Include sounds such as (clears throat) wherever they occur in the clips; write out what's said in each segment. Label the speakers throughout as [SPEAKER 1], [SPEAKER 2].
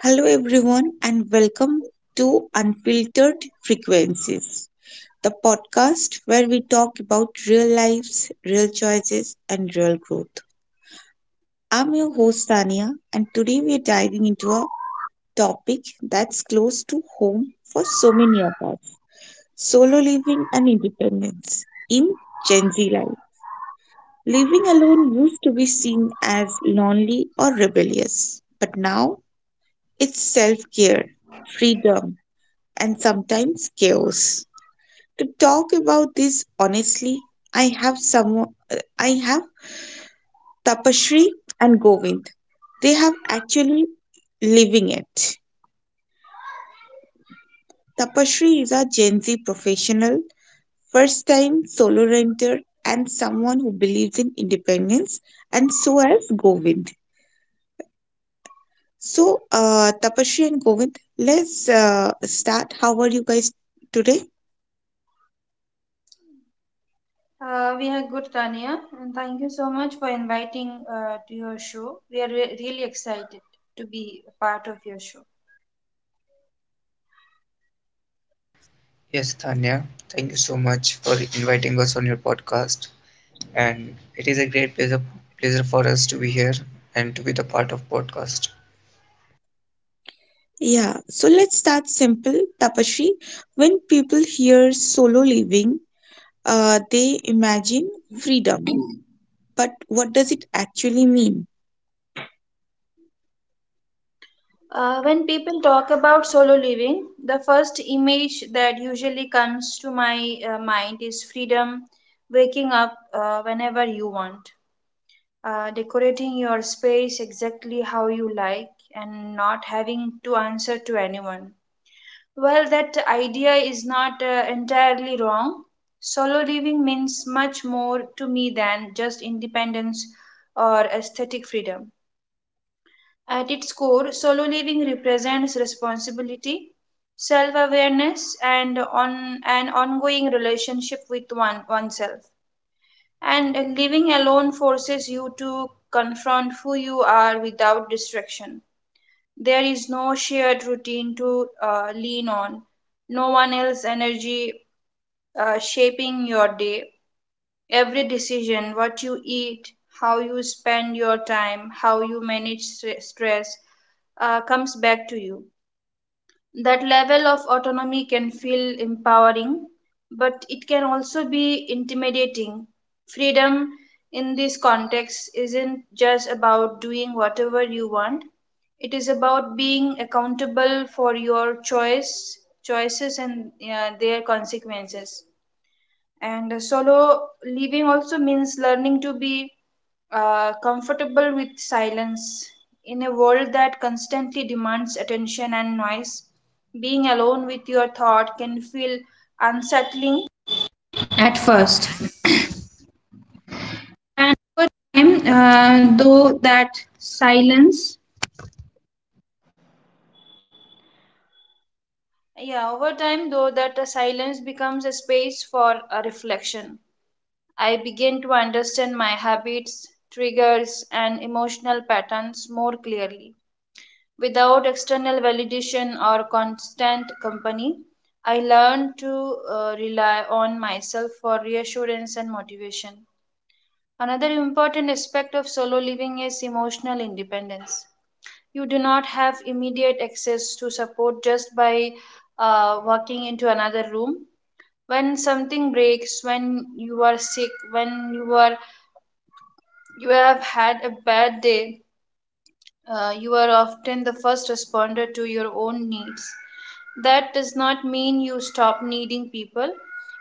[SPEAKER 1] Hello, everyone, and welcome to Unfiltered Frequencies, the podcast where we talk about real lives, real choices, and real growth. I'm your host, Tania, and today we're diving into a topic that's close to home for so many of us: solo living and independence in Gen Z life. Living alone used to be seen as lonely or rebellious, but now it's self care, freedom, and sometimes chaos. To talk about this honestly, I have some I have Tapashri and Govind. They have actually living it. Tapashri is a Gen Z professional, first time solo renter and someone who believes in independence, and so has Govind. So Tapashri and Govind, let's start. How are you guys today?
[SPEAKER 2] We are good, Tania. And thank you so much for inviting to your show. We are really excited to be a part of your show.
[SPEAKER 3] Yes, Tanya, thank you so much for inviting us on your podcast. And it is a great pleasure, pleasure for us to be here and to be the part of podcast.
[SPEAKER 1] Yeah, so let's start simple. Tapashri, when people hear solo living, they imagine freedom. But what does it actually mean?
[SPEAKER 2] When people talk about solo living, the first image that usually comes to my mind is freedom, waking up whenever you want, decorating your space exactly how you like, and not having to answer to anyone. Well, that idea is not entirely wrong. Solo living means much more to me than just independence or aesthetic freedom. At its core, solo living represents responsibility, self-awareness, and on an ongoing relationship with one oneself. And living alone forces you to confront who you are without distraction. There is no shared routine to lean on, no one else's energy shaping your day. Every decision, what you eat, how you spend your time, how you manage stress, comes back to you. That level of autonomy can feel empowering, but it can also be intimidating. Freedom in this context isn't just about doing whatever you want, it is about being accountable for your choices and their consequences. And solo living also means learning to be comfortable with silence. In a world that constantly demands attention and noise, being alone with your thought can feel unsettling. Yeah, over time, though, that silence becomes a space for a reflection. I begin to understand my habits, triggers, and emotional patterns more clearly. Without external validation or constant company, I learn to rely on myself for reassurance and motivation. Another important aspect of solo living is emotional independence. You do not have immediate access to support just by walking into another room when something breaks, when you are sick, when you are you have had a bad day, you are often the first responder to your own needs. That does not mean you stop needing people,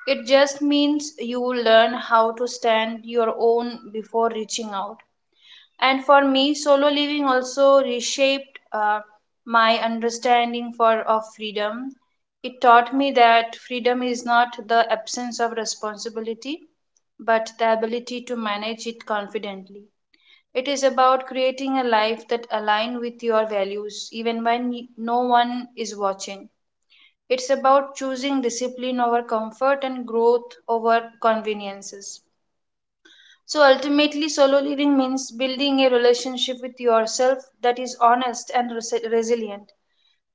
[SPEAKER 2] it just means you learn how to stand your own before reaching out. And for me, solo living also reshaped my understanding for of freedom. It taught me that freedom is not the absence of responsibility, but the ability to manage it confidently. It is about creating a life that aligns with your values even when no one is watching. It's about choosing discipline over comfort and growth over conveniences. So ultimately, solo living means building a relationship with yourself that is honest and resilient.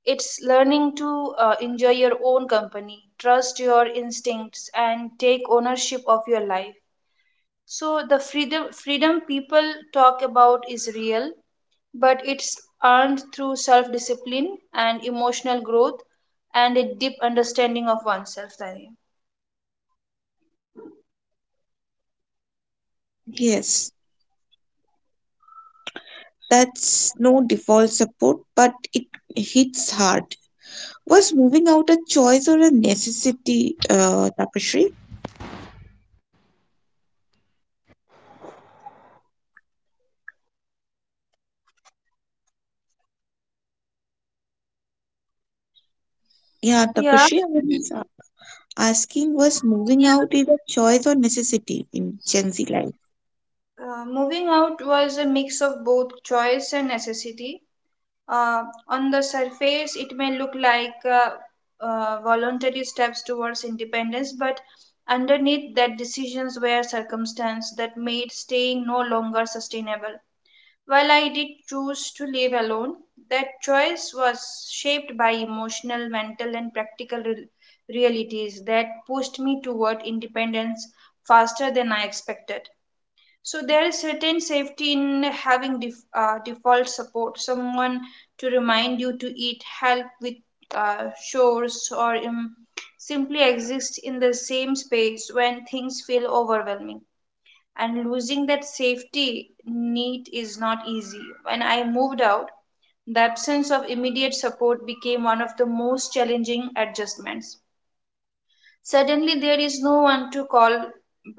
[SPEAKER 2] It's learning to enjoy your own company, trust your instincts, and take ownership of your life. So the freedom people talk about is real, but it's earned through self discipline and emotional growth and a deep understanding of oneself, Tanvi.
[SPEAKER 1] Yes, that's no default support, but it hits hard. Was moving out a choice or a necessity, Tapashri? Yeah,
[SPEAKER 2] Yeah.
[SPEAKER 1] Tapashri, I was asking, was moving out is a choice or necessity in Gen Z life?
[SPEAKER 2] Moving out was a mix of both choice and necessity. On the surface, it may look like voluntary steps towards independence, but underneath that, decisions were circumstance that made staying no longer sustainable. While I did choose to live alone, that choice was shaped by emotional, mental, and practical realities that pushed me toward independence faster than I expected. So there is certain safety in having default support, someone to remind you to eat, help with chores, or simply exist in the same space when things feel overwhelming. And losing that safety need is not easy. When I moved out, the absence of immediate support became one of the most challenging adjustments. Suddenly, there is no one to call,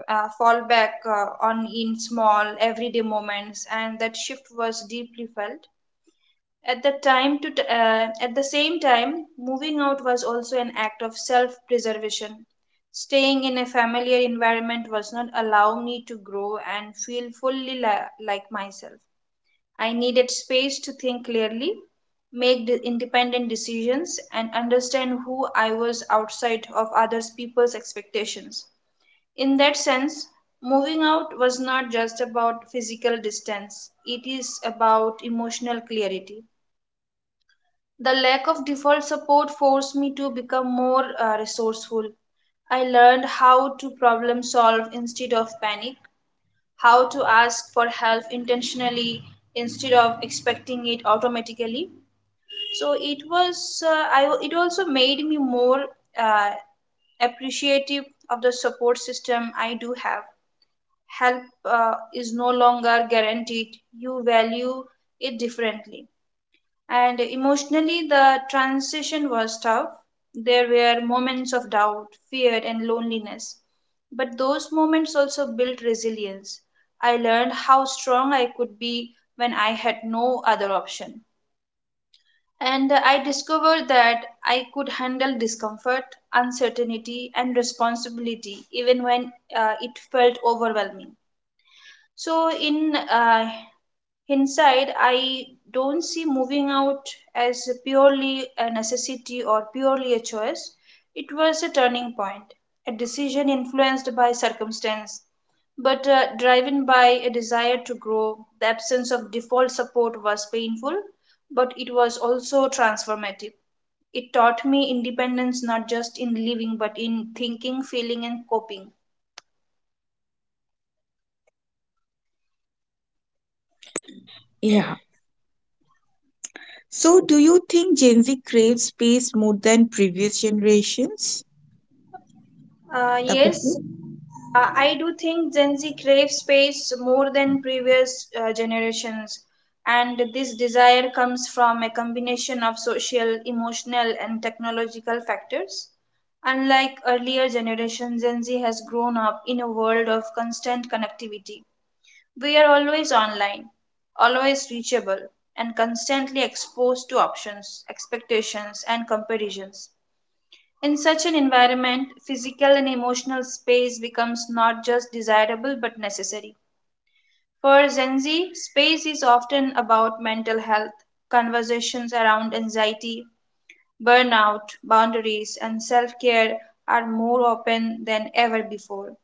[SPEAKER 2] fall back on in small everyday moments, and that shift was deeply felt. At the same time, moving out was also an act of self-preservation. Staying in a familiar environment was not allow me to grow and feel fully like myself. I needed space to think clearly, make independent decisions, and understand who I was outside of other people's expectations. In that sense, moving out was not just about physical distance, it is about emotional clarity. The lack of default support forced me to become more resourceful. I learned how to problem solve instead of panic, how to ask for help intentionally instead of expecting it automatically. So it was I it also made me more uh, appreciative of the support system I do have. Help is no longer guaranteed, you value it differently. And emotionally, the transition was tough. There were moments of doubt, fear, and loneliness. But those moments also built resilience. I learned how strong I could be when I had no other option. And I discovered that I could handle discomfort, uncertainty, and responsibility even when it felt overwhelming. So, in Inside, I don't see moving out as purely a necessity or purely a choice. It was a turning point, a decision influenced by circumstance, but driven by a desire to grow. The absence of default support was painful, but it was also transformative. It taught me independence not just in living but in thinking, feeling, and coping.
[SPEAKER 1] Yeah. So, do you think Gen Z craves space more than previous generations?
[SPEAKER 2] Uh, yes,
[SPEAKER 1] Tapiki?
[SPEAKER 2] I do think Gen Z craves space more than previous generations, and this desire comes from a combination of social, emotional, and technological factors. Unlike earlier generations, Gen Z has grown up in a world of constant connectivity. We are always online, always reachable, and constantly exposed to options, expectations, and comparisons. In such an environment, physical and emotional space becomes not just desirable but necessary. For Gen Z, space is often about mental health, conversations around anxiety, burnout, boundaries, and self care are more open than ever before.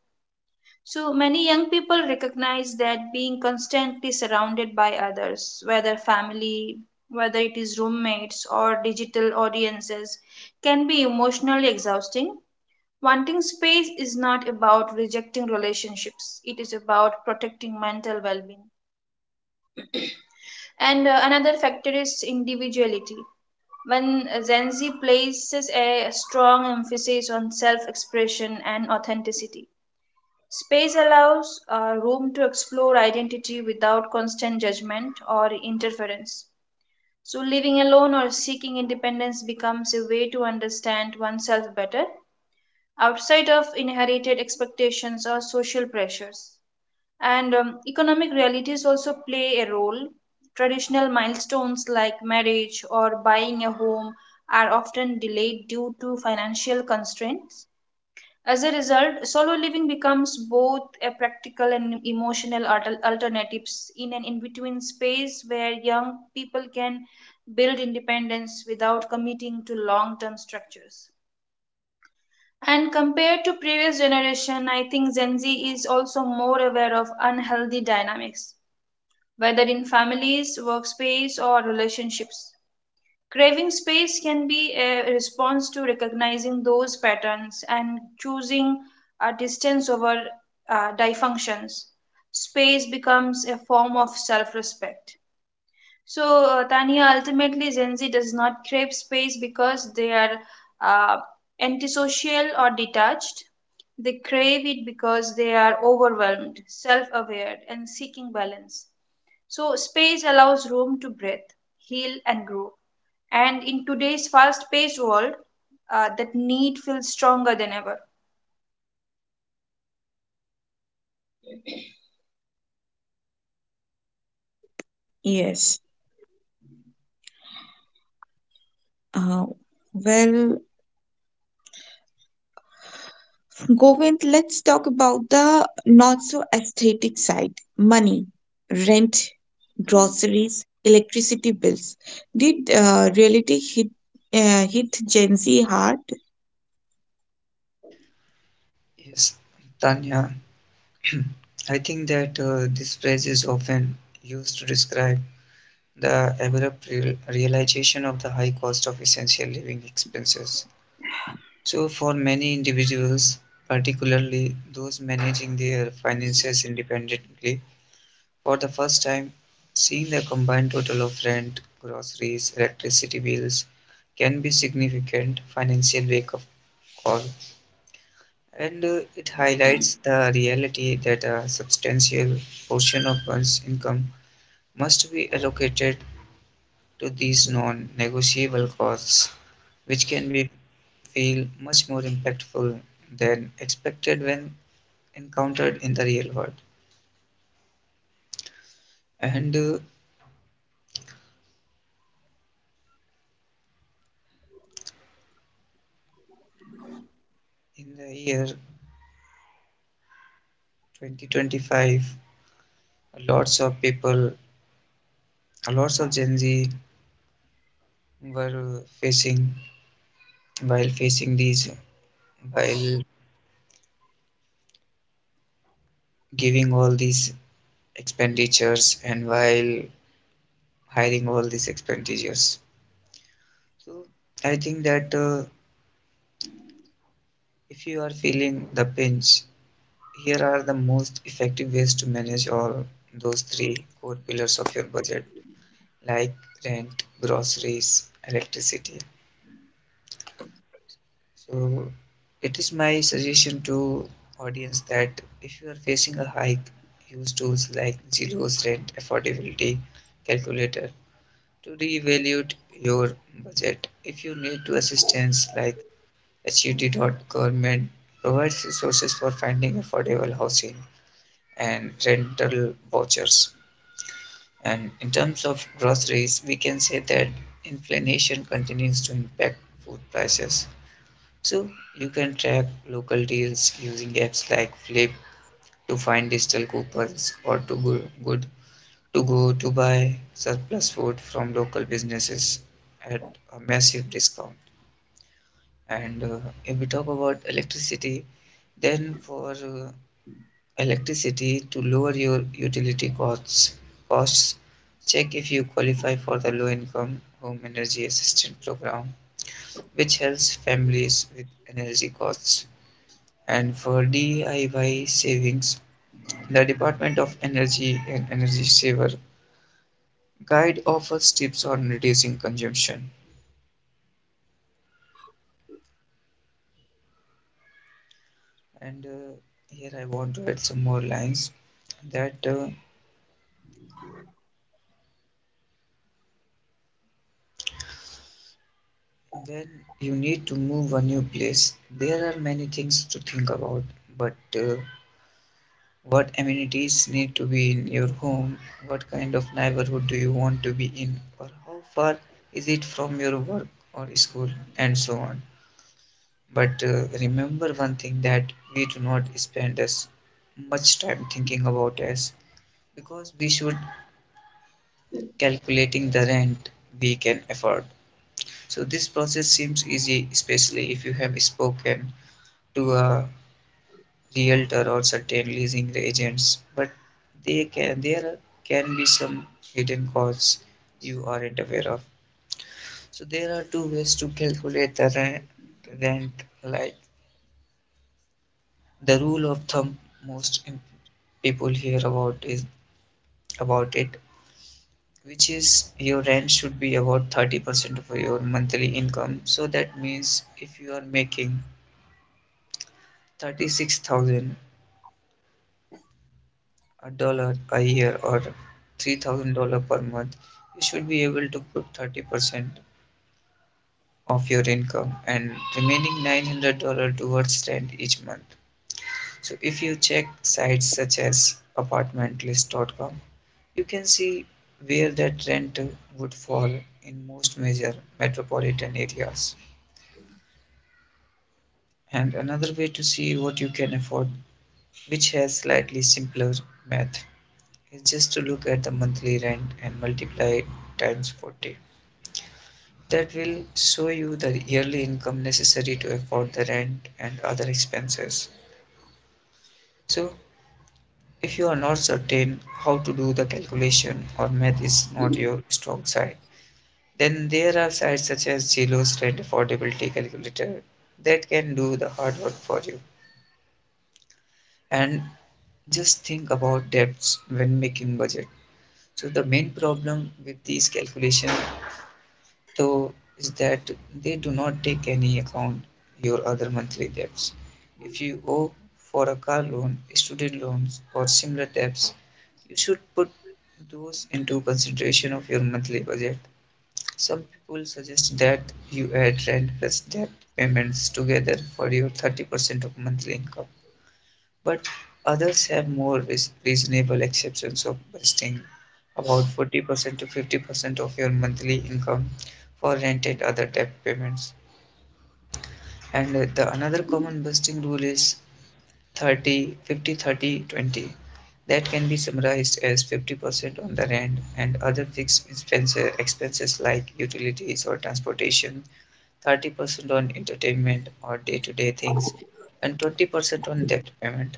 [SPEAKER 2] So many young people recognize that being constantly surrounded by others, whether family, whether it is roommates or digital audiences, can be emotionally exhausting. Wanting space is not about rejecting relationships, it is about protecting mental well being. And another factor is individuality. When Gen Z places a strong emphasis on self expression and authenticity, space allows room to explore identity without constant judgment or interference. So, living alone or seeking independence becomes a way to understand oneself better outside of inherited expectations or social pressures. And economic realities also play a role. Traditional milestones like marriage or buying a home are often delayed due to financial constraints. As a result, solo living becomes both a practical and emotional alternatives in an in-between space where young people can build independence without committing to long-term structures. And compared to previous generation, I think Gen Z is also more aware of unhealthy dynamics, whether in families, workspace, or relationships. Craving space can be a response to recognizing those patterns and choosing a distance over dysfunctions. Space becomes a form of self respect. So, Tania, ultimately, Gen Z does not crave space because they are uh, antisocial or detached. They crave it because they are overwhelmed, self aware, and seeking balance. So, space allows room to breathe, heal, and grow. And in today's fast paced world, that need feels stronger than ever.
[SPEAKER 1] Yes. Uh, well, Govind, let's talk about the not so aesthetic side: money, rent, groceries, electricity bills. Did uh, reality hit Gen Z hard?
[SPEAKER 3] Yes, Tanya, (clears throat) I think that this phrase is often used to describe the abrupt realization of the high cost of essential living expenses. So, for many individuals, particularly those managing their finances independently, for the first time, seeing the combined total of rent, groceries, electricity bills can be significant financial wake-up call. And It highlights the reality that a substantial portion of one's income must be allocated to these non-negotiable costs, which can be feel much more impactful than expected when encountered in the real world. And In the year 2025, lots of people, lots of Gen Z were facing while facing these, while giving all these expenditures and while hiring all these expenditures. So I think that if you are feeling the pinch, here are the most effective ways to manage all those three core pillars of your budget, like rent, groceries, electricity. So it is my suggestion to audience that if you are facing a hike, use tools like Zero's Rent Affordability Calculator to reevaluate your budget. If you need to assistance like HUD dot government provides resources for finding affordable housing and rental vouchers. And in terms of groceries, we can say that inflation continues to impact food prices, so you can track local deals using apps like Flip to find digital coupons or good to go to buy surplus food from local businesses at a massive discount. And if we talk about electricity, then for electricity to lower your utility costs, check if you qualify for the low income home energy assistance program, which helps families with energy costs. And for DIY savings, the Department of Energy and Energy Saver guide offers tips on reducing consumption. And here I want to add some more lines that when you need to move a new place, there are many things to think about, but what amenities need to be in your home, what kind of neighborhood do you want to be in, or how far is it from your work or school, and so on. But remember one thing that we do not spend as much time thinking about as because we should calculating the rent we can afford. So this process seems easy, especially if you have spoken to a realtor or certain leasing agents. But they can there can be some hidden costs you aren't aware of. So there are two ways to calculate the rent, like the rule of thumb most im- people hear about is about it, which is your rent should be about 30% of your monthly income. So that means if you are making $36,000 a year or $3,000 per month, you should be able to put 30% of your income and remaining $900 towards rent each month. So if you check sites such as apartmentlist.com, you can see where that rent would fall in most major metropolitan areas. And another way to see what you can afford, which has slightly simpler math, is just to look at the monthly rent and multiply it times 40. That will show you the yearly income necessary to afford the rent and other expenses. So, if you are not certain how to do the calculation or math is not your strong side, then there are sites such as Zillow's rent affordability calculator that can do the hard work for you. And just think about debts when making budget. So the main problem with these calculations though is that they do not take any account your other monthly debts. If you owe for a car loan, student loans or similar debts, you should put those into consideration of your monthly budget. Some people suggest that you add rentless debt payments together for your 30% of monthly income, but others have more reasonable exceptions of busting about 40% to 50% of your monthly income for rent and other debt payments. And the another common busting rule is 30-50-30-20, that can be summarized as 50% on the rent and other fixed expenses, like utilities or transportation, 30% on entertainment or day to day things, and 20% on debt payment.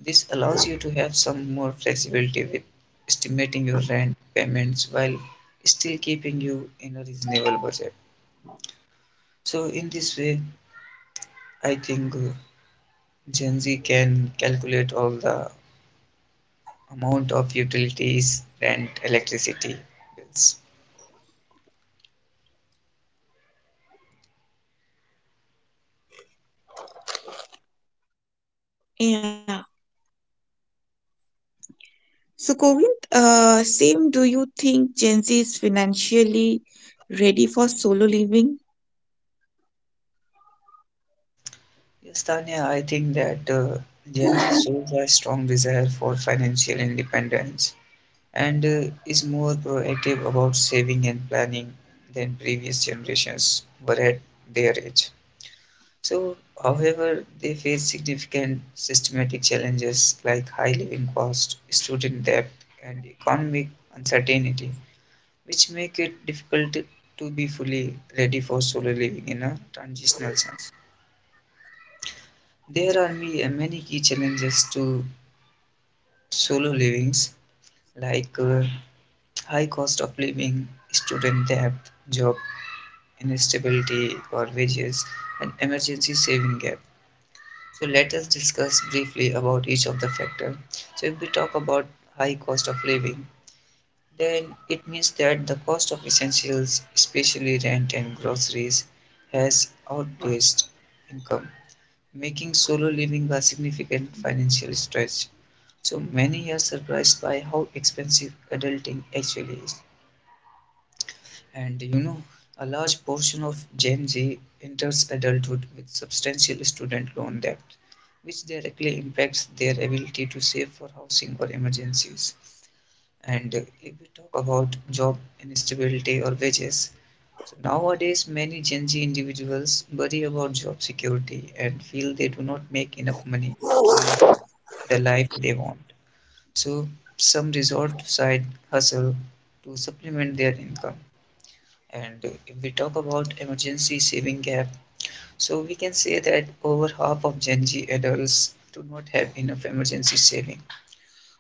[SPEAKER 3] This allows you to have some more flexibility with estimating your rent payments while still keeping you in a reasonable budget. So, in this way, I think Gen Z can calculate all the amount of utilities, rent, electricity bills.
[SPEAKER 1] Yeah. So, Govind, same, do you think Gen Z is financially ready for solo living?
[SPEAKER 3] Yes, Tanya, I think that Gen Z shows a strong desire for financial independence and is more proactive about saving and planning than previous generations were at their age. So, however, they face significant systematic challenges like high living cost, student debt, and economic uncertainty, which make it difficult to be fully ready for solo living in a transitional sense. There are many key challenges to solo livings like high cost of living, student debt, job instability or wages, and emergency saving gap. So let us discuss briefly about each of the factor. So if we talk about high cost of living, then it means that the cost of essentials especially rent and groceries has outpaced income, making solo living a significant financial stretch. So many are surprised by how expensive adulting actually is. And you know, a large portion of Gen Z enters adulthood with substantial student loan debt, which directly impacts their ability to save for housing or emergencies. And if we talk about job instability or wages, so nowadays many Gen Z individuals worry about job security and feel they do not make enough money to live the life they want. So some resort side hustle to supplement their income. And if we talk about emergency saving gap, so we can say that over half of Gen Z adults do not have enough emergency saving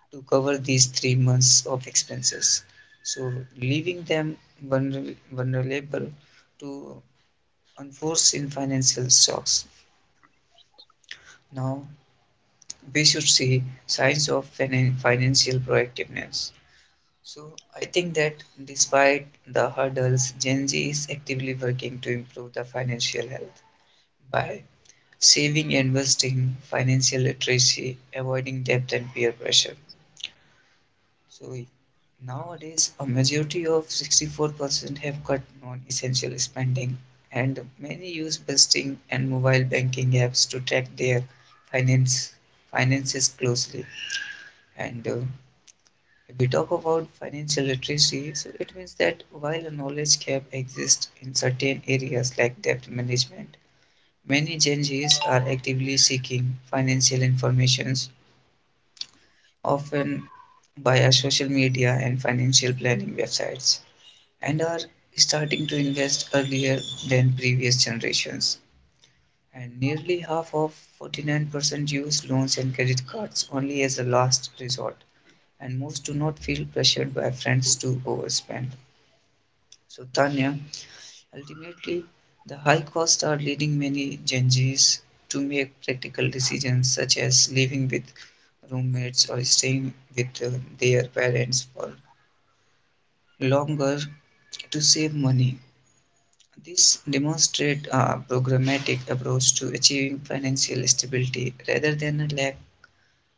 [SPEAKER 3] to cover these 3 months of expenses. So leaving them vulnerable to unforeseen financial shocks. Now we should see signs of financial proactiveness. So I think that despite the hurdles, Gen Z is actively working to improve the financial health by saving, investing, financial literacy, avoiding debt and peer pressure. So nowadays, a majority of 64% have cut non-essential spending, and many use budgeting and mobile banking apps to track their finance finances closely. And if we talk about financial literacy, so it means that while a knowledge gap exists in certain areas like debt management, many Gen Zs are actively seeking financial information, often via social media and financial planning websites, and are starting to invest earlier than previous generations. And nearly half of 49% use loans and credit cards only as a last resort, and most do not feel pressured by friends to overspend. So, Tanya, ultimately, the high costs are leading many Gen Zs to make practical decisions such as living with roommates or staying with their parents for longer to save money. This demonstrates a programmatic approach to achieving financial stability rather than a lack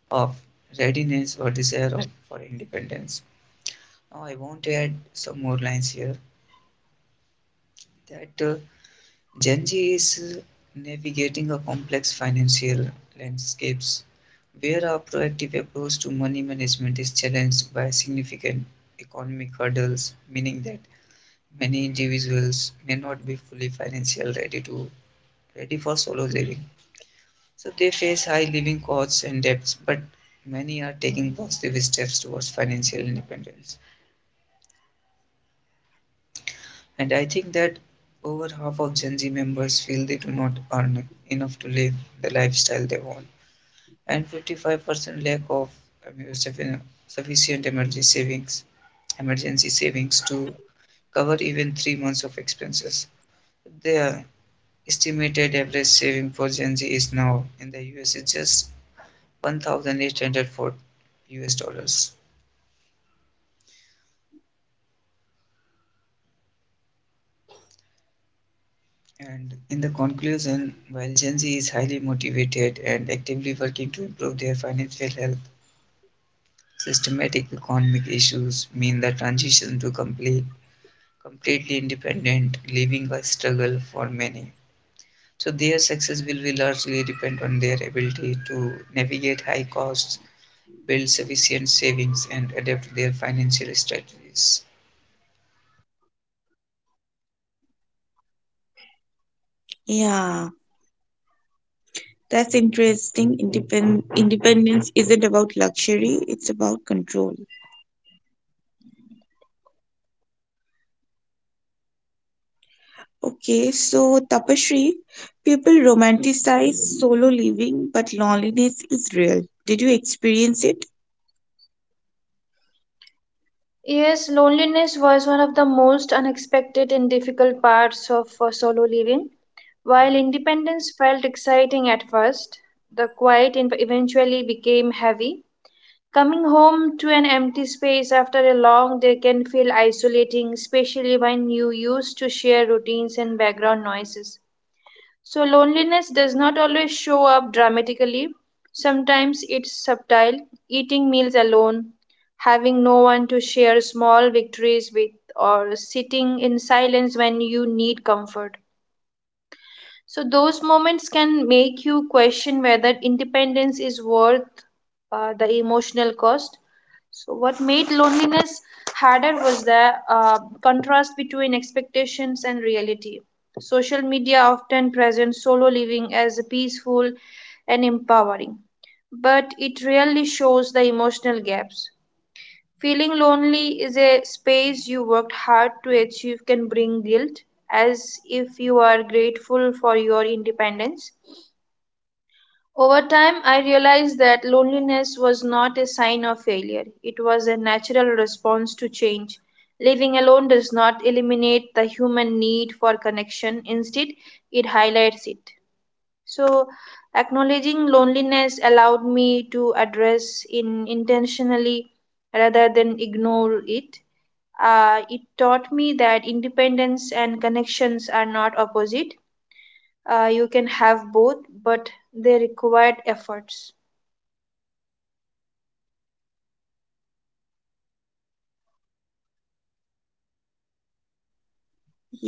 [SPEAKER 3] of readiness or desire of, for independence. Now, I want to add some more lines here that Gen Z is navigating a complex financial landscapes where our proactive approach to money management is challenged by significant economic hurdles, meaning that many individuals may not be fully financially ready for solo living. So they face high living costs and debts, but many are taking positive steps towards financial independence. And I think that over half of Gen Z members feel they do not earn enough to live the lifestyle they want. And 55% lack of I sufficient emergency savings to cover even 3 months of expenses. Their estimated average saving for Gen Z is now in the US is just 1,804 US dollars. And in the conclusion, while Gen Z is highly motivated and actively working to improve their financial health, systematic economic issues mean the transition to completely independent, leaving a struggle for many. So their success will be largely depend on their ability to navigate high costs, build sufficient savings, and adapt their financial strategies.
[SPEAKER 1] Yeah. That's interesting. Independence isn't about luxury, it's about control. Okay, so Tapasri, people romanticize solo living, but loneliness is real. Did you experience it?
[SPEAKER 2] Yes, loneliness was one of the most unexpected and difficult parts of solo living. While independence felt exciting at first, the quiet eventually became heavy. Coming home to an empty space after a long day can feel isolating, especially when you used to share routines and background noises. So, loneliness does not always show up dramatically. Sometimes it's subtle, eating meals alone, having no one to share small victories with, or sitting in silence when you need comfort. So those moments can make you question whether independence is worth the emotional cost. So what made loneliness harder was the contrast between expectations and reality. Social media often presents solo living as peaceful and empowering, but it rarely shows the emotional gaps. Feeling lonely is a space you worked hard to achieve can bring guilt as if you are grateful for your independence. Over time, I realized that loneliness was not a sign of failure. It was a natural response to change. Living alone does not eliminate the human need for connection, instead, it highlights it. So, acknowledging loneliness allowed me to address it intentionally rather than ignore it. It taught me that independence and connections are not opposite. You can have both, but they required efforts.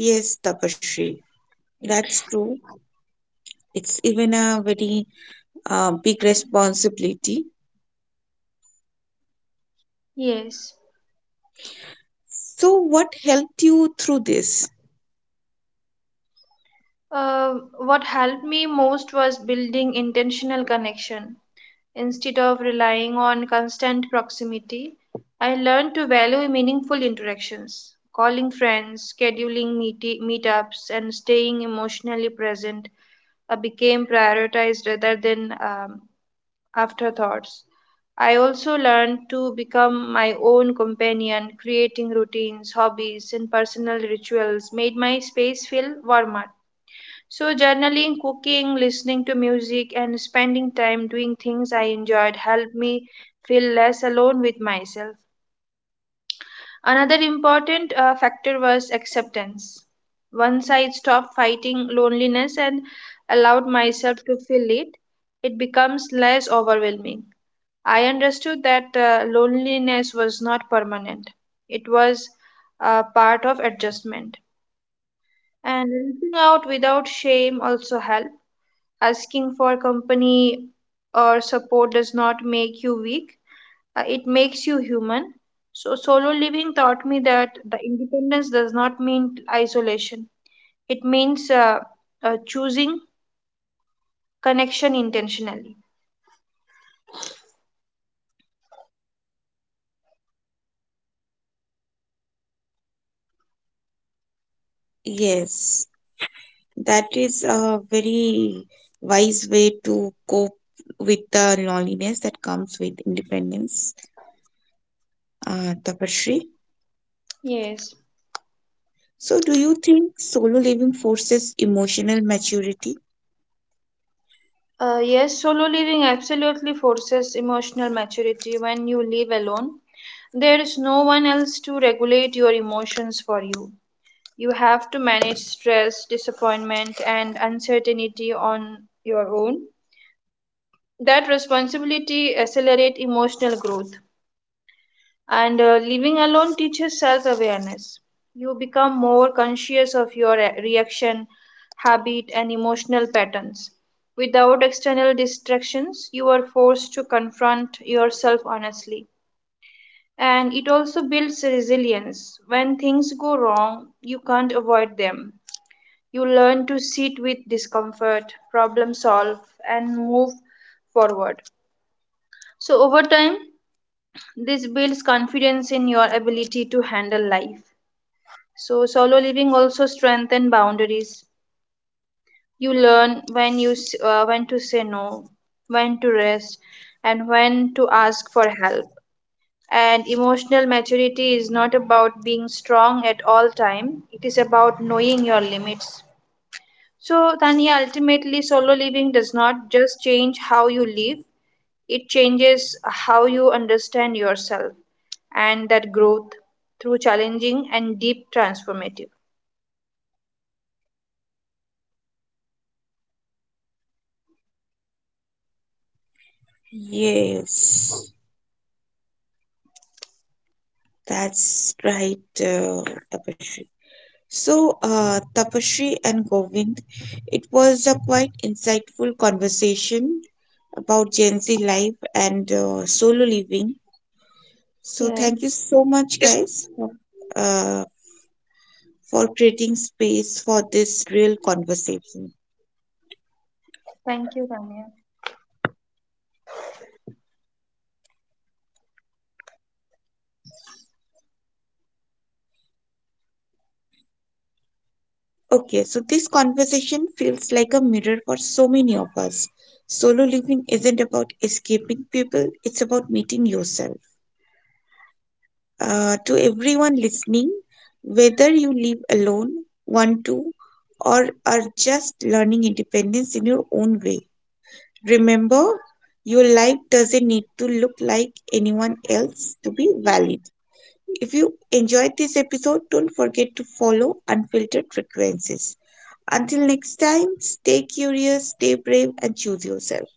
[SPEAKER 1] Yes, Tapasri. That's true. It's even a very big responsibility.
[SPEAKER 2] Yes.
[SPEAKER 1] So, what helped you through this?
[SPEAKER 2] What helped me most was building intentional connection. Instead of relying on constant proximity, I learned to value meaningful interactions, calling friends, scheduling meetups, and staying emotionally present became prioritized rather than afterthoughts. I also learned to become my own companion, creating routines, hobbies, and personal rituals made my space feel warmer. So, journaling, cooking, listening to music, and spending time doing things I enjoyed helped me feel less alone with myself. Another important factor was acceptance. Once I stopped fighting loneliness and allowed myself to feel it, it becomes less overwhelming. I understood that loneliness was not permanent, it was a part of adjustment. And reaching out without shame also helped. Asking for company or support does not make you weak, it makes you human. So, solo living taught me that the independence does not mean isolation, it means choosing connection intentionally.
[SPEAKER 1] Yes. That is a very wise way to cope with the loneliness that comes with independence, Tapashri.
[SPEAKER 2] Yes.
[SPEAKER 1] So, do you think solo living forces emotional maturity?
[SPEAKER 2] Yes, solo living absolutely forces emotional maturity when you live alone. There is no one else to regulate your emotions for you. You have to manage stress, disappointment, and uncertainty on your own. That responsibility accelerates emotional growth. And uh, living alone teaches self awareness. You become more conscious of your reaction, habit, and emotional patterns. Without external distractions, you are forced to confront yourself honestly. And it also builds resilience. When things go wrong, you can't avoid them. You learn to sit with discomfort, problem solve, and move forward. So, over time, this builds confidence in your ability to handle life. So solo living also strengthen boundaries. You learn when to say no, when to rest, and when to ask for help. And emotional maturity is not about being strong at all time. It is about knowing your limits. So Tanya, ultimately, solo living does not just change how you live; it changes how you understand yourself, and that growth through challenging and deep transformative.
[SPEAKER 1] Yes, that's right, Tapashri. So, Tapashri and Govind, it was a quite insightful conversation about Gen Z life and solo living. So,
[SPEAKER 2] Yeah.
[SPEAKER 1] thank you so much, guys, uh, for creating space for this real conversation.
[SPEAKER 2] Thank you, Tanya.
[SPEAKER 1] Okay, so this conversation feels like a mirror for so many of us. Solo living isn't about escaping people, it's about meeting yourself. To everyone listening, whether you live alone, want to, or are just learning independence in your own way, remember your life doesn't need to look like anyone else to be valid. If you enjoyed this episode, don't forget to follow Unfiltered Frequencies. Until next time, stay curious, stay brave, and choose yourself.